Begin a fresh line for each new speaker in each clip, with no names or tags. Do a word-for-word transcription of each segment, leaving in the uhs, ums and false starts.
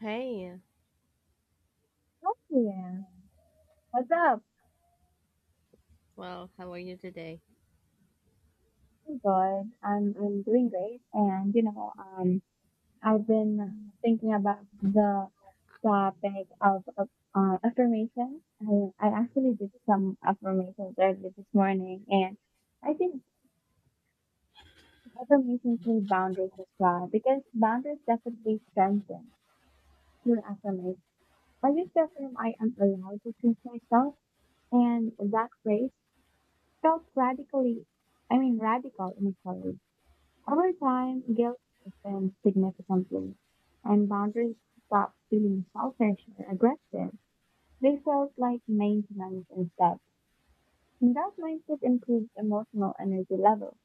Hey,
Oh, yeah. What's up?
well, how are you today?
I'm good. I'm I'm doing great. And you know, um, I've been thinking about the topic of, of uh, affirmations. I I actually did some affirmations earlier this morning, and I think affirmations need boundaries as well because boundaries definitely strengthen your affirmation. I used to affirm I am allowed to choose myself, and that phrase felt radically, I mean, radical in a way. Over time, guilt deepens significantly, and boundaries stop feeling selfish or aggressive. They felt like maintenance instead. And that mindset improves emotional energy levels.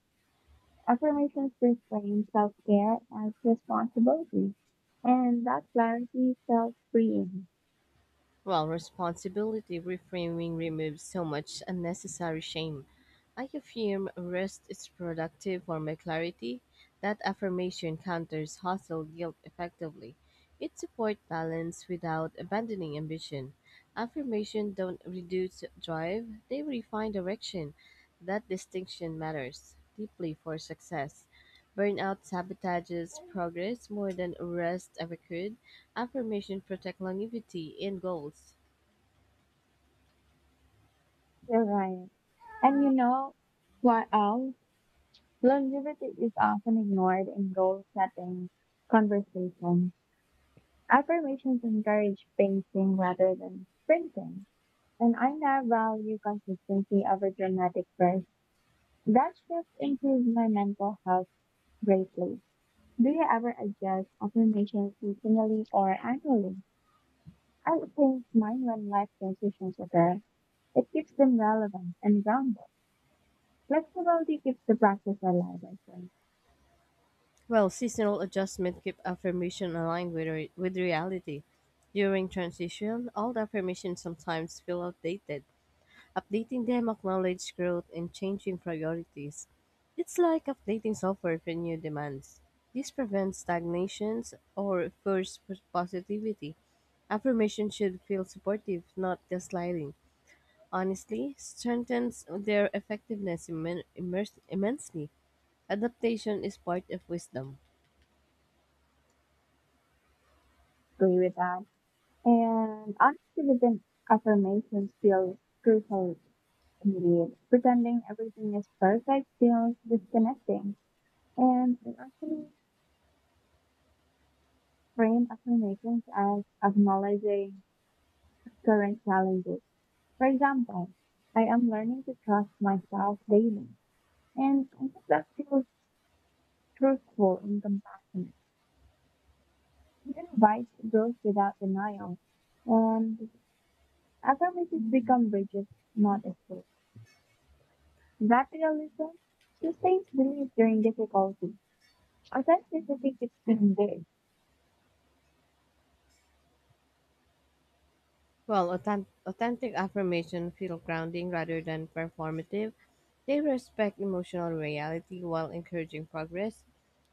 Affirmations reframe self care as responsibility, and that clarity felt freeing.
Well, responsibility reframing removes so much unnecessary shame. I affirm rest is productive for my clarity. That affirmation counters hustle guilt effectively. It supports balance without abandoning ambition. Affirmation don't reduce drive, they refine direction. That distinction matters deeply for success. Burnout sabotages progress more than rest ever could. Affirmation protect longevity in goals.
You're right. And you know what else? Longevity is often ignored in goal setting conversations. Affirmations encourage pacing rather than sprinting, and I now value consistency over dramatic bursts. That shift improves my mental health greatly. Do you ever adjust affirmations seasonally or annually? I change mine when life transitions occur. It keeps them relevant and grounded. Flexibility keeps the practice alive, I think.
Well, seasonal adjustment keep affirmation aligned with re- with reality. During transition, old affirmations sometimes feel outdated. Updating them acknowledge growth and changing priorities. It's like updating software for new demands. This prevents stagnations or forced pos- positivity. Affirmation should feel supportive, not gaslighting. Honestly, strengthens their effectiveness immen- immers- immensely. Adaptation is part of wisdom.
Agree with that. And honesty within affirmations feel crucial. Indeed, pretending everything is perfect feels disconnecting, and I actually frame affirmations as acknowledging current challenges. For example, I am learning to trust myself daily, and I think that feels truthful and compassionate. It invites growth without denial, and affirmations become bridges, not escapes. That realism sustains belief during difficulty. Authenticity keeps being
Well, authen- authentic affirmation feel grounding rather than performative. They respect emotional reality while encouraging progress.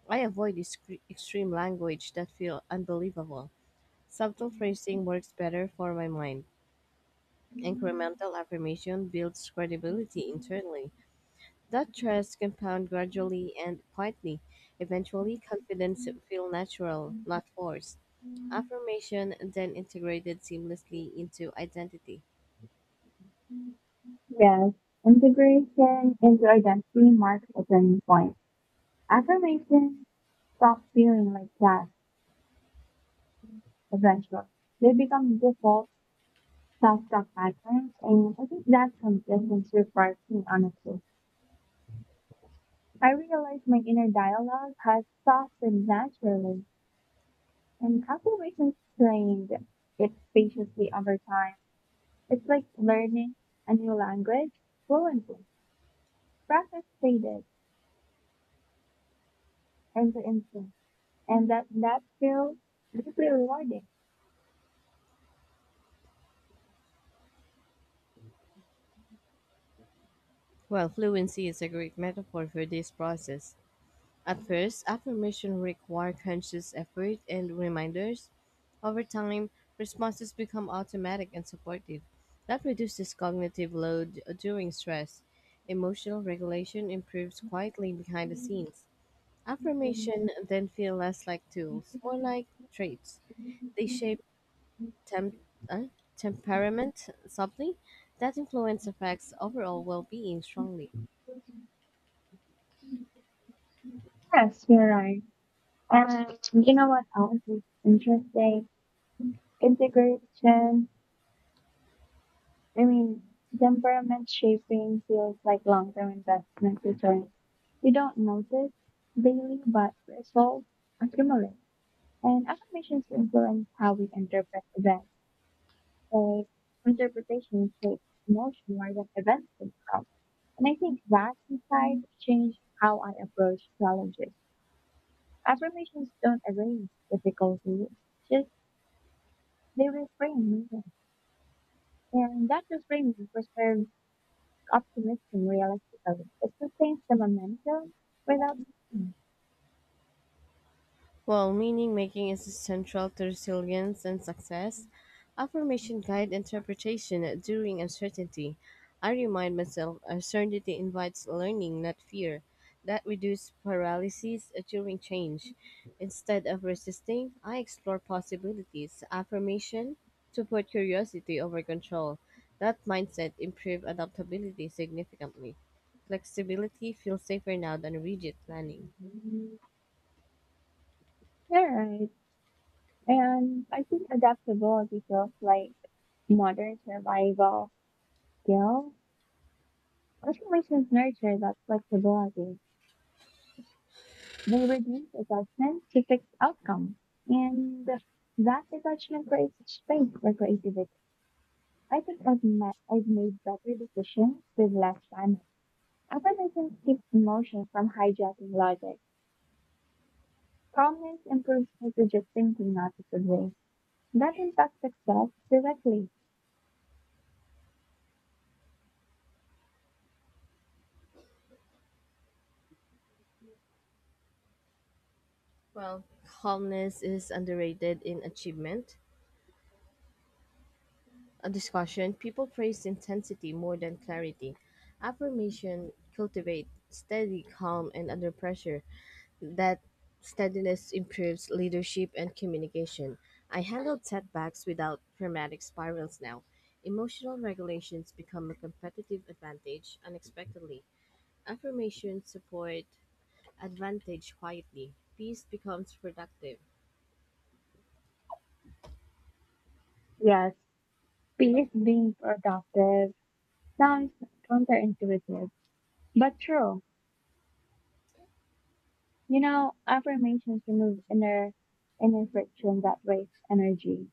I avoid discre- extreme language that feel unbelievable. Subtle phrasing works better for my mind.
big.
Incremental affirmation builds
Yes,
credibility internally. That trust compound gradually and quietly. Eventually, confidence feel natural, not forced. Affirmation then integrated seamlessly into identity.
integration into identity marks a turning point. Affirmations stop feeling like tasks eventually. They become default self-talk patterns, and I think that consistency requires me honesty. I realize my inner dialogue has softened naturally, and affirmations trained it patiently over time. It's like learning a new language fluently. Practice faded end to instinct, and that that feels deeply rewarding.
Well, fluency is a great metaphor for this process. At first, affirmation require conscious effort and reminders. Over time, responses become automatic and supportive. That reduces cognitive load during stress. Emotional regulation improves quietly behind the scenes. Affirmation then feel less like tools, more like traits. They shape temp- uh, temperament subtly. That influence affects overall well-being strongly.
Yes, you're right. And um, you know what else is interesting? Integration, I mean, temperament shaping feels like long term investment returns. You don't notice daily, but results accumulate. And affirmations influence how we interpret events. uh, Interpretation shapes emotion more than events themselves. And I think that insight changed how I approach challenges. Affirmations don't erase difficulty, just they reframe meaning. And that reframing preserves optimism realistically. It sustains the momentum without.
While meaning making is essential to resilience and success, affirmation guide interpretation during uncertainty. I remind myself uncertainty invites learning, not fear. That reduces paralysis uh, during change. Instead of resisting, I explore possibilities. Affirmation support curiosity over control. That mindset improves adaptability significantly. Flexibility feels safer now than rigid planning.
You're right. And I think adaptability feels like modern survival skill. Affirmations nurture that flexibility. They reduce attachment to fixed outcome, and that attachment creates space for creativity. I think I've, ma- I've made better decisions with less panic. Optimism keeps emotions from hijacking logic. Calmness improves strategic thinking, not disobeying. That impacts success directly.
Well, calmness is underrated in achievement. A discussion, people praise intensity more than clarity. Affirmation cultivate steady calm and under pressure. That steadiness improves leadership and communication. I handled setbacks without dramatic spirals now. Emotional regulations become a competitive advantage unexpectedly. Affirmations support advantage quietly. Peace becomes productive.
Yes, peace being productive sounds counterintuitive, but true. You know, affirmations remove inner inner friction that wastes energy.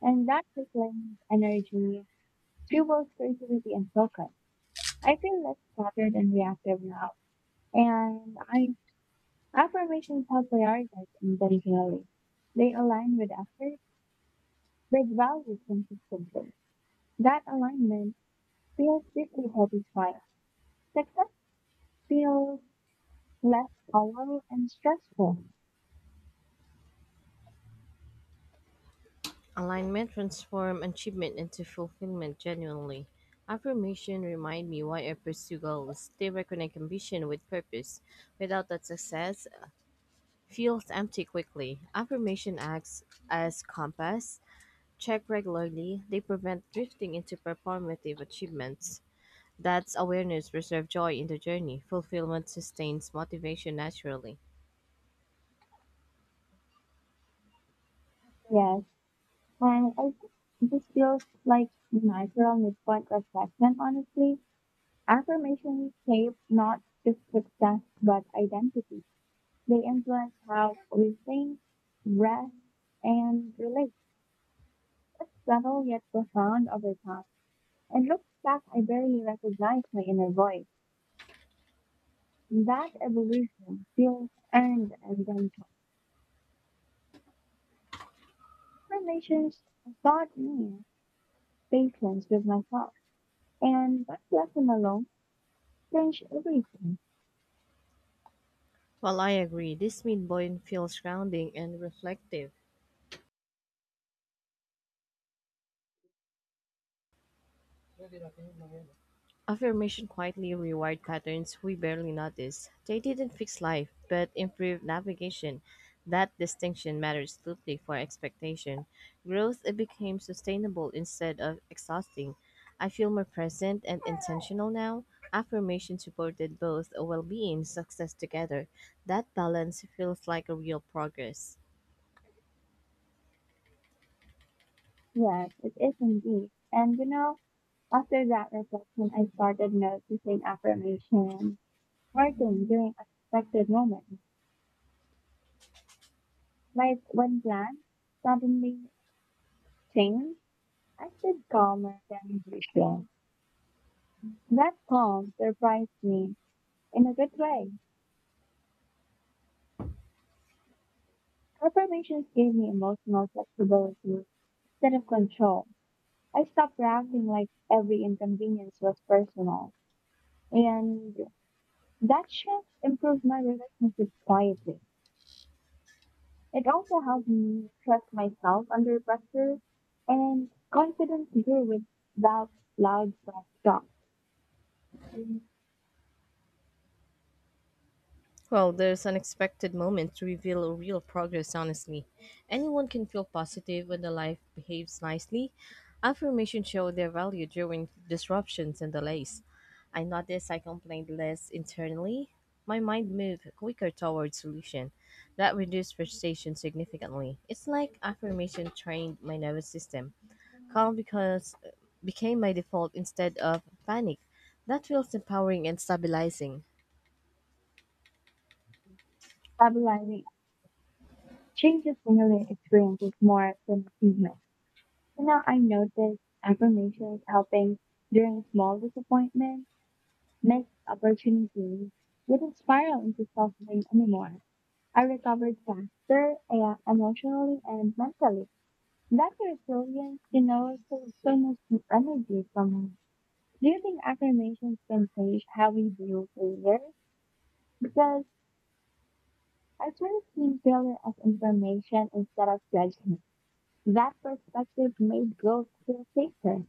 And that reclaimed energy fuels creativity and focus. I feel less cluttered and reactive now. And I affirmations help prioritize intentionally. They align with effort, with values consistently. That alignment feels deeply satisfying. Success feels less hollow and stressful.
Alignment transform achievement into fulfillment genuinely. Affirmation remind me why I pursue goals. They reconnect ambition with purpose. Without that success feels empty quickly. Affirmation acts as compass. Check regularly. They prevent drifting into performative achievements. That's awareness preserve joy in the journey. Fulfillment sustains motivation naturally.
Yes. And I think this feels like natural midpoint reflection, honestly. Affirmations shape not just success, but identity. They influence how we think, rest, and relate. It's subtle yet profound over time. And looking back, I barely recognize my inner voice. That evolution feels earned and gentle. Affirmations taught me patience with myself, and that lesson alone changed everything.
While I agree, this midpoint feels grounding and reflective. Affirmation quietly rewired patterns we barely notice. They didn't fix life, but improved navigation. That distinction matters deeply for expectation. Growth it became sustainable instead of exhausting. I feel more present and intentional now. Affirmation supported both well being and success together. That balance feels like a real progress.
Yes, it is indeed. And you know, after that reflection, I started noticing affirmation working during unexpected moments. Like when plans suddenly changed, I stayed calmer than usual. That calm surprised me in a good way. Affirmations gave me emotional flexibility instead of control. I stopped reacting like every inconvenience was personal. And that shift improved my relationships quietly. It also helped me trust myself under pressure and confidence grew without loud self talk.
Well, there's unexpected moments to reveal real progress, honestly. Anyone can feel positive when the life behaves nicely. Affirmations show their value during disruptions and delays. I noticed I complained less internally. My mind moved quicker toward solution. That reduced frustration significantly. It's like affirmation trained my nervous system. Calm because became my default instead of panic. That feels empowering and stabilizing.
Stabilizing changes similar experiences more than achievements. So now I notice affirmations helping during small disappointment, missed opportunities didn't spiral into self blame anymore. I recovered faster uh, emotionally and mentally. That resilience, you know, saves so much energy from. Do you think affirmations can change how we view failure? Because I started seeing failure as information instead of judgment. That perspective made growth feel safer.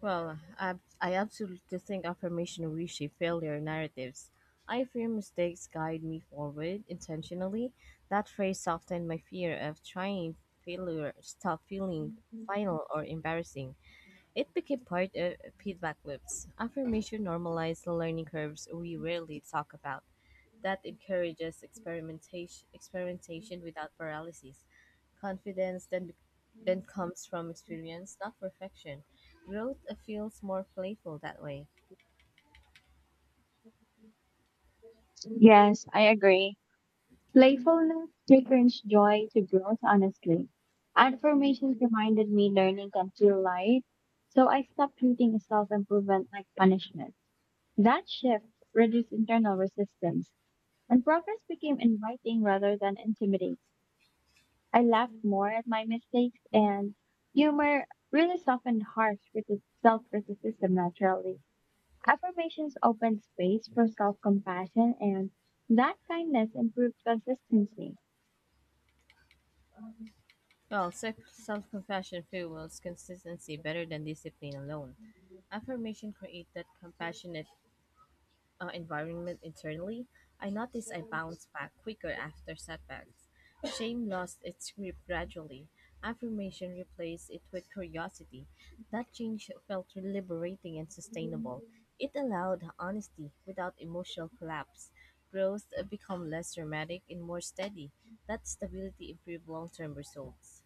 Well, I, I absolutely think affirmation reshape failure narratives. I fear mistakes guide me forward intentionally. That phrase softened my fear of trying failure, stop feeling final or embarrassing. It became part of feedback loops. Affirmation normalized the learning curves we rarely talk about that encourages experimentation, experimentation without paralysis. Confidence then, then comes from experience, not perfection. Growth uh, feels more playful that way.
Yes, I agree. Playfulness returns joy to growth, honestly. Affirmations reminded me learning can feel light, so I stopped treating self-improvement like punishment. That shift reduced internal resistance, and progress became inviting rather than intimidating. I laughed more at my mistakes, and humor really softened harsh self criticism naturally. Affirmations opened space for self compassion, and that kindness improved consistency.
Well, self compassion fuels consistency better than discipline alone. Affirmation creates that compassionate uh, environment internally, I noticed I bounced back quicker after setbacks. Shame lost its grip gradually. Affirmation replaced it with curiosity. That change felt liberating and sustainable. It allowed honesty without emotional collapse. Growth uh, become less dramatic and more steady. That stability improved long-term results.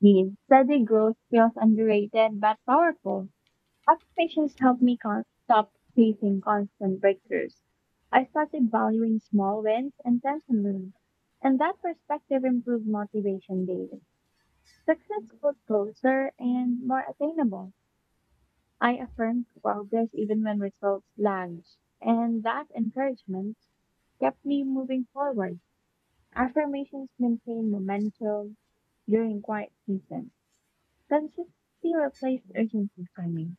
The steady growth feels underrated but powerful. Affirmations help me con- stop chasing constant breakthroughs. I started valuing small wins intentionally, and that perspective improved motivation daily. Success felt closer and more attainable. I affirmed progress even when results lagged, and that encouragement kept me moving forward. Affirmations maintain momentum during quiet seasons. Consistency replaced urgency for me.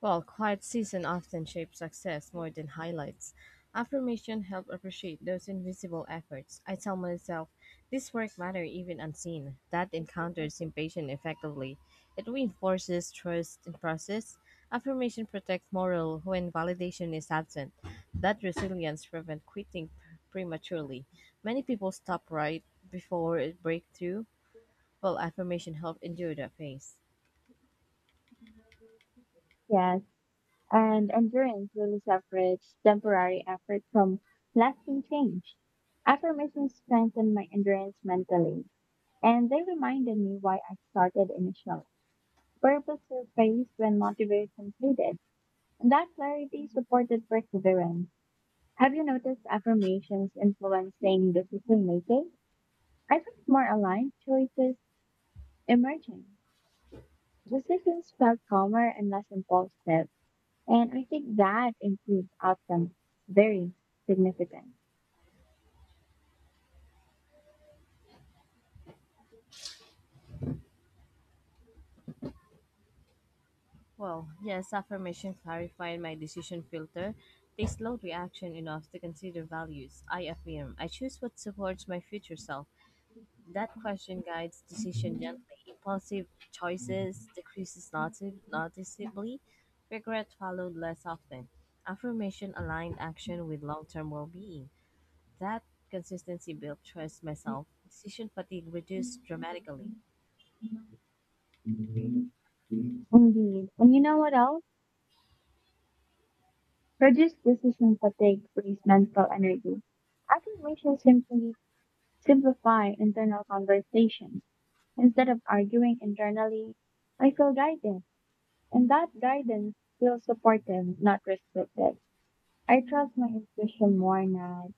While quiet season often shapes success more than highlights, affirmation help appreciate those invisible efforts. I tell myself, this work matter even unseen. That encounters impatient effectively. It reinforces trust in process. Affirmation protects morale when validation is absent. That resilience prevents quitting pr- prematurely. Many people stop right before it breakthrough, while affirmation help endure that phase.
Yes, and endurance really separates temporary effort from lasting change. Affirmations strengthened my endurance mentally, and they reminded me why I started initially. Purpose surfaced when motivation faded, and that clarity supported perseverance. Have you noticed affirmations influencing decision making? I felt more aligned, choices emerging. Decisions felt calmer and less impulsive, and I think that improved outcomes very significant.
Well, yes, affirmation clarified my decision filter. They slowed reaction enough to consider values. I affirm. I choose what supports my future self. That question guides decision gently. Impulsive choices decreases noti- noticeably. Regret followed less often. Affirmation aligned action with long-term well-being. That consistency built trust myself. Decision fatigue reduced dramatically.
Indeed. And you know what else? Reduce decision fatigue, raise mental energy. Affirmations simply simplify internal conversation. Instead of arguing internally, I feel guided, and that guidance feels supportive, not restrictive. I trust my intuition more now,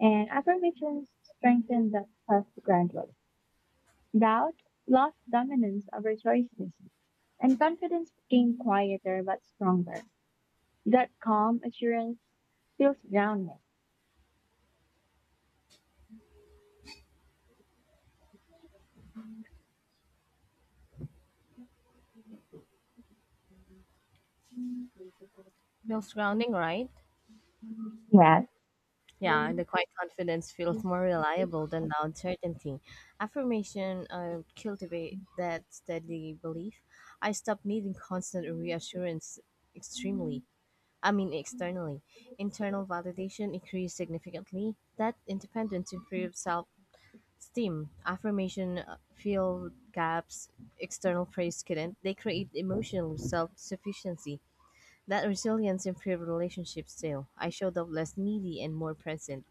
and affirmations strengthen that trust gradually. Doubt lost dominance over choices, and confidence became quieter but stronger. That calm assurance feels grounding.
Feels grounding, right?
Yeah.
Yeah, the quiet confidence feels more reliable than loud certainty. Affirmation uh, cultivate that steady belief. I stop needing constant reassurance extremely. I mean externally. Internal validation increased significantly. That independence improves self-esteem. Affirmation uh, fill gaps external praise couldn't. They create emotional self-sufficiency. That resilience improved relationships too. I showed up less needy and more present.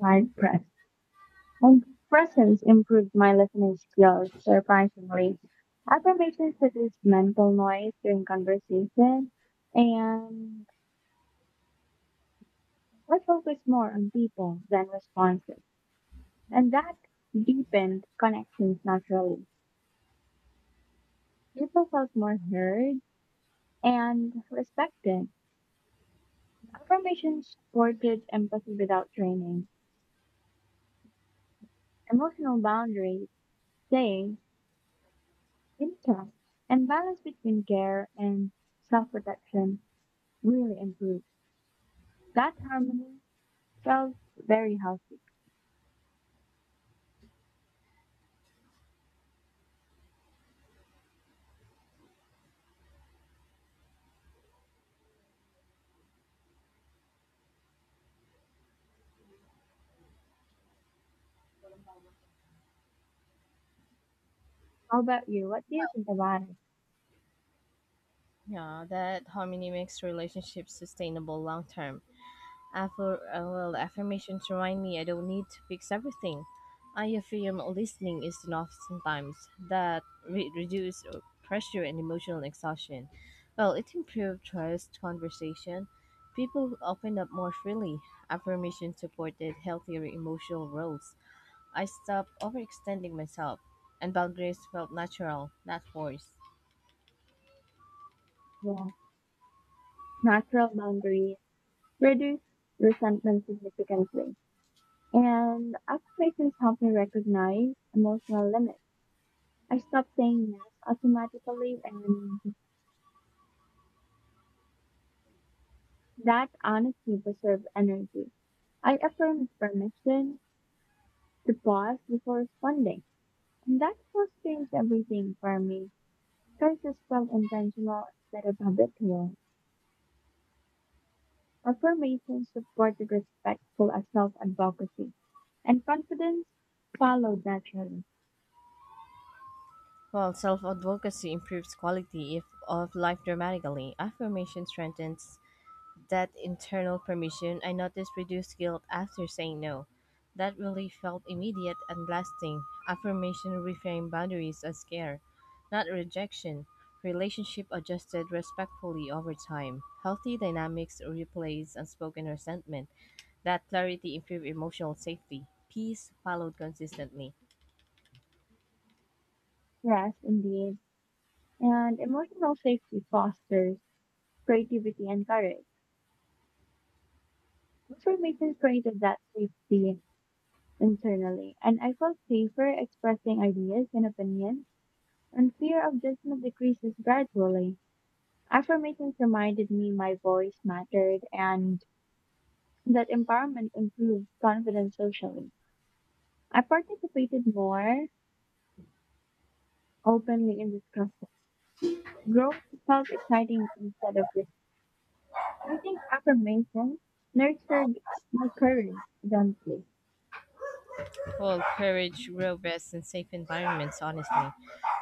Hard press. And presence improved my listening skills surprisingly. Affirmations reduce mental noise during conversation, and I focus more on people than responses. And that deepened connections naturally. People felt more heard and respected. Affirmation supported empathy without training, emotional boundaries staying intact, and balance between care and self protection really improved. That harmony felt very healthy. How about you? What do you think about it?
Yeah, that harmony makes relationships sustainable long term. Affir- uh, well, affirmations remind me I don't need to fix everything. I affirm listening is enough sometimes. That re- reduces pressure and emotional exhaustion. Well, it improves trust, conversation. People open up more freely. Affirmation supported healthier emotional growth. I stopped overextending myself, and boundaries felt natural, not forced.
Yeah. Natural boundaries reduce resentment significantly. And affirmations help me recognize emotional limits. I stop saying yes automatically and that honesty preserves energy. I affirmed permission to pause before responding, and that pause changed everything for me. Choices felt intentional instead of habitual. Affirmation supported respectful self advocacy, and confidence followed naturally.
While self advocacy improves quality if, of life dramatically. Affirmation strengthens that internal permission. I noticed reduced guilt after saying no. That relief felt immediate and lasting. Affirmation reframed boundaries as care, not rejection. Relationship adjusted respectfully over time. Healthy dynamics replace unspoken resentment. That clarity improved emotional safety. Peace followed consistently.
Rest, indeed, and emotional safety fosters creativity and courage. Affirmations created that safety internally, and I felt safer expressing ideas and opinions, and fear of judgment decreases gradually. Affirmations reminded me my voice mattered and that empowerment improved confidence socially. I participated more openly in discussion. Growth felt exciting instead of risky. I think affirmations nurtured my courage gently.
Well, courage, robust, and safe environments, honestly.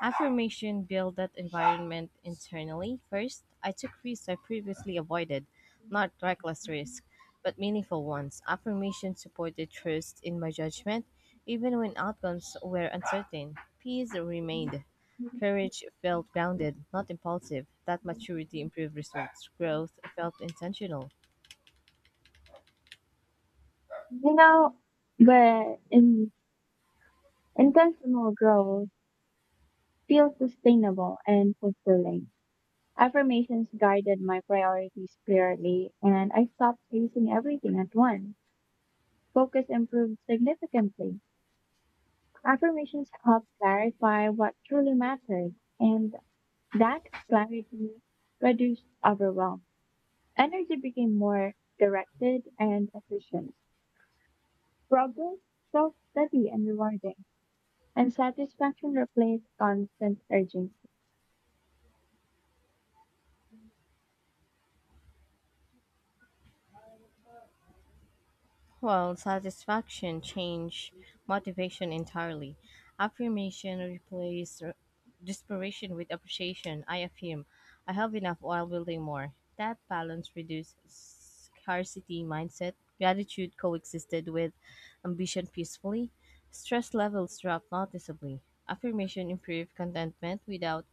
Affirmation build that environment internally. First, I took risks I previously avoided, not reckless risk, but meaningful ones. Affirmation supported trust in my judgment, even when outcomes were uncertain. Peace remained. Courage felt grounded, not impulsive. That maturity improved results. Growth felt intentional.
You know, but in, intentional growth feels sustainable and fulfilling. Affirmations guided my priorities clearly, and I stopped chasing everything at once. Focus improved significantly. Affirmations help clarify what truly matters, and that clarity reduced overwhelm. Energy became more directed and efficient. Progress felt steady and rewarding. And satisfaction replaced constant urgency.
Well, satisfaction change motivation entirely. Affirmation replace r- desperation with appreciation. I affirm, I have enough while building more. That balance reduced scarcity mindset. Gratitude coexisted with ambition peacefully. Stress levels dropped noticeably. Affirmation improved contentment without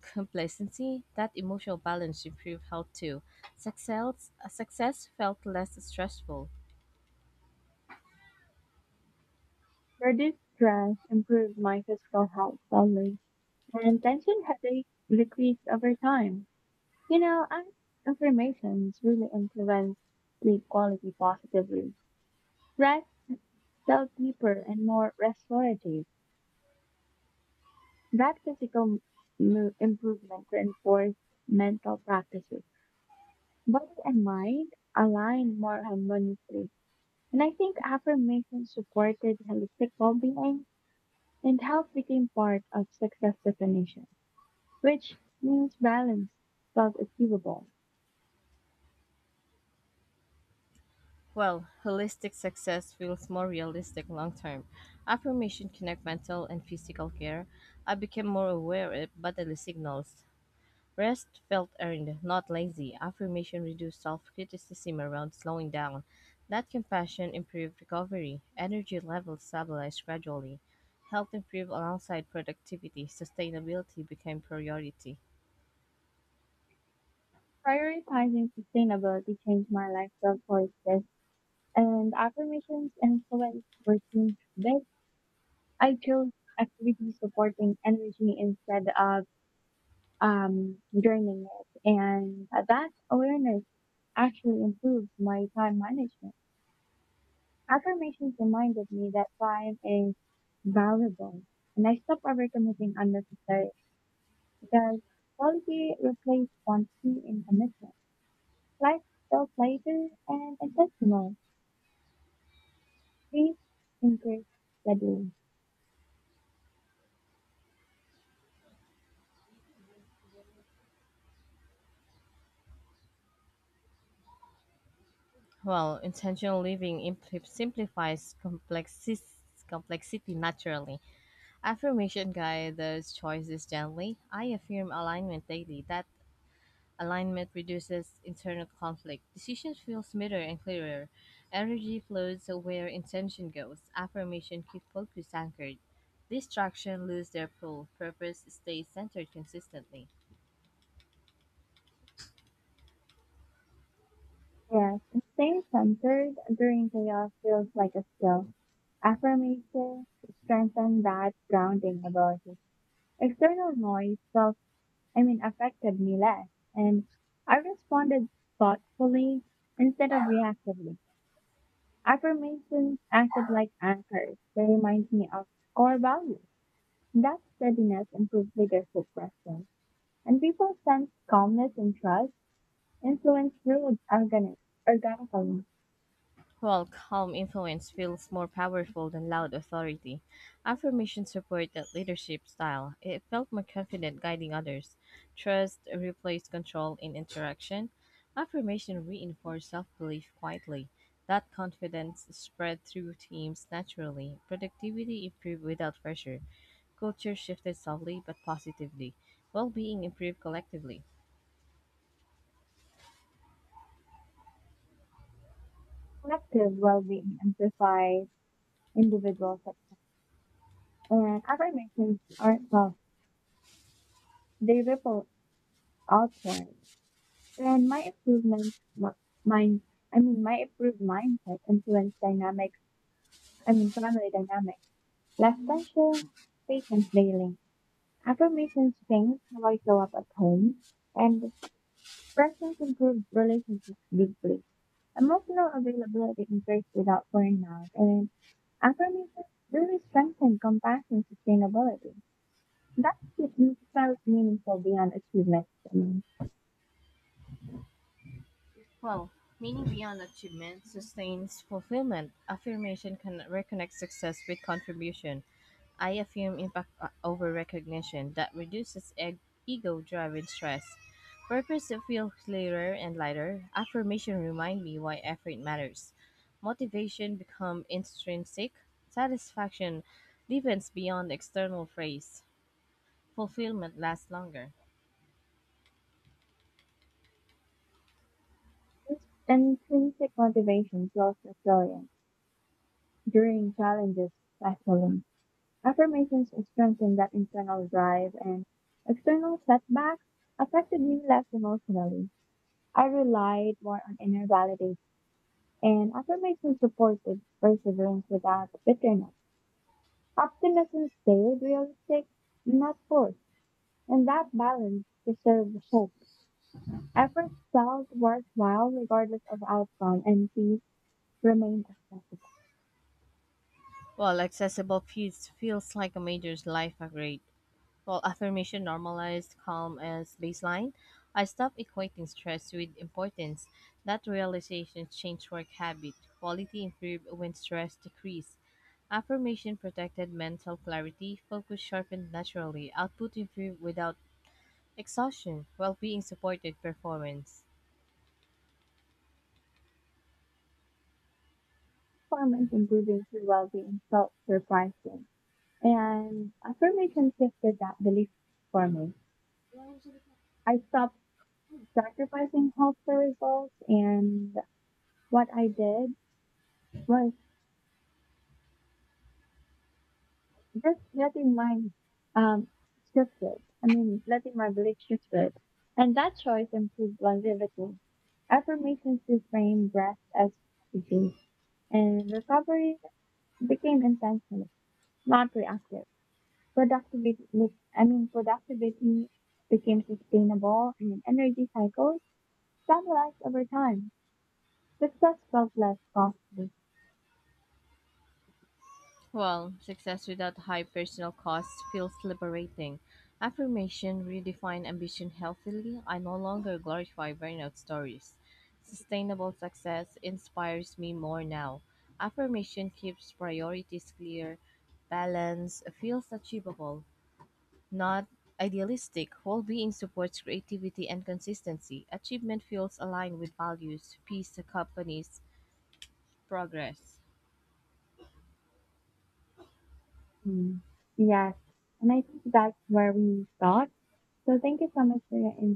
complacency. That emotional balance improved health too. Success, success felt less stressful.
Reduced stress improved my physical health slowly, and tension headaches decreased over time. You know, I think affirmations really influence sleep quality positively. Rest felt deeper and more restorative. That physical mo- improvement reinforced mental practices. Body and mind aligned more harmoniously. And I think affirmations supported holistic well being and health became part of success definition, which means balance felt achievable.
Well, holistic success feels more realistic long term. Affirmation connect mental and physical care. I became more aware of bodily signals. Rest felt earned, not lazy. Affirmation reduced self criticism around slowing down. That compassion improved recovery. Energy levels stabilized gradually. Health improved alongside productivity. Sustainability became priority.
Prioritizing sustainability changed my lifestyle choices and affirmations influenced working habits. I chose activities supporting energy instead of um, draining it, and that awareness actually improved my time management. Affirmations reminded me that time is valuable, and I stopped overcommitting unnecessarily, because quality replaced quantity in commitment. Life felt lighter and intentional. Peace increased steadily.
Well, intentional living impl- simplifies complexis- complexity naturally. Affirmation guide those choices gently. I affirm alignment daily. That alignment reduces internal conflict. Decisions feel smoother and clearer. Energy flows where intention goes. Affirmation keep focus anchored. Distraction lose their pull. Purpose stays centered consistently.
Yes, and staying centered during chaos feels like a skill. Affirmations strengthen that grounding ability. External noise felt, I mean, affected me less, and I responded thoughtfully instead of reactively. Affirmations acted like anchors. They remind me of core values. That steadiness improves leadership presence, and people sense calmness and trust. Influence builds organic, organically
While calm influence feels more powerful than loud authority, affirmation support that leadership style. It felt more confident guiding others. Trust replaced control in interaction. Affirmation reinforced self-belief quietly. That confidence spread through teams naturally. Productivity improved without pressure. Culture shifted subtly but positively. Well-being improved collectively.
collective well-being and amplifies individual success. And affirmations aren't self; they ripple outward. And my improvement, what- mind, I mean, my improved mindset influence dynamics. I mean, family dynamics, less tension, patience daily. Affirmations change how I show up at home, and presence improved relationships deeply. Emotional availability increased without burnout, and affirmations really strengthen compassion sustainability. That keeps felt meaningful beyond achievement.
Well, meaning beyond achievement sustains fulfillment. Affirmation can reconnect success with contribution. I affirm impact o- over recognition that reduces e- ego driven stress. Purpose to feel clearer and lighter. Affirmation remind me why effort matters. Motivation become intrinsic. Satisfaction deepens beyond external praise. Fulfillment lasts longer.
This intrinsic motivation builds resilience during challenges, especially. Affirmations strengthen that internal drive, and external setbacks affected me less emotionally. I relied more on inner validation. And affirmation supported perseverance without bitterness. Optimism stayed realistic, not forced, and that balance preserved hope. Effort felt worthwhile regardless of outcome, and peace remained accessible.
Well, accessible feeds feels like a major life upgrade. While affirmation normalized calm as baseline, I stopped equating stress with importance. That realization changed work habit. Quality improved when stress decreased. Affirmation protected mental clarity, focus sharpened naturally, output improved without exhaustion, well being supported performance.
Performance improving through well-being felt surprising. And affirmation shifted that belief for me. I stopped sacrificing hope for results, and what I did was just letting my um shift it. I mean, letting my belief shift it. And that choice improves longevity. Affirmations reframe rest as strategy, and recovery became intentional, not reactive. Productivity, I mean, Productivity became sustainable, and energy cycles stabilized over time. Success felt less costly.
Well, success without high personal costs feels liberating. Affirmation redefine ambition healthily. I no longer glorify burnout stories. Sustainable success inspires me more now. Affirmation keeps priorities clear. Balance feels achievable, not idealistic. Well being supports creativity and consistency. Achievement feels aligned with values, peace accompanies progress.
Mm. Yes, and I think that's where we start. So thank you so much for your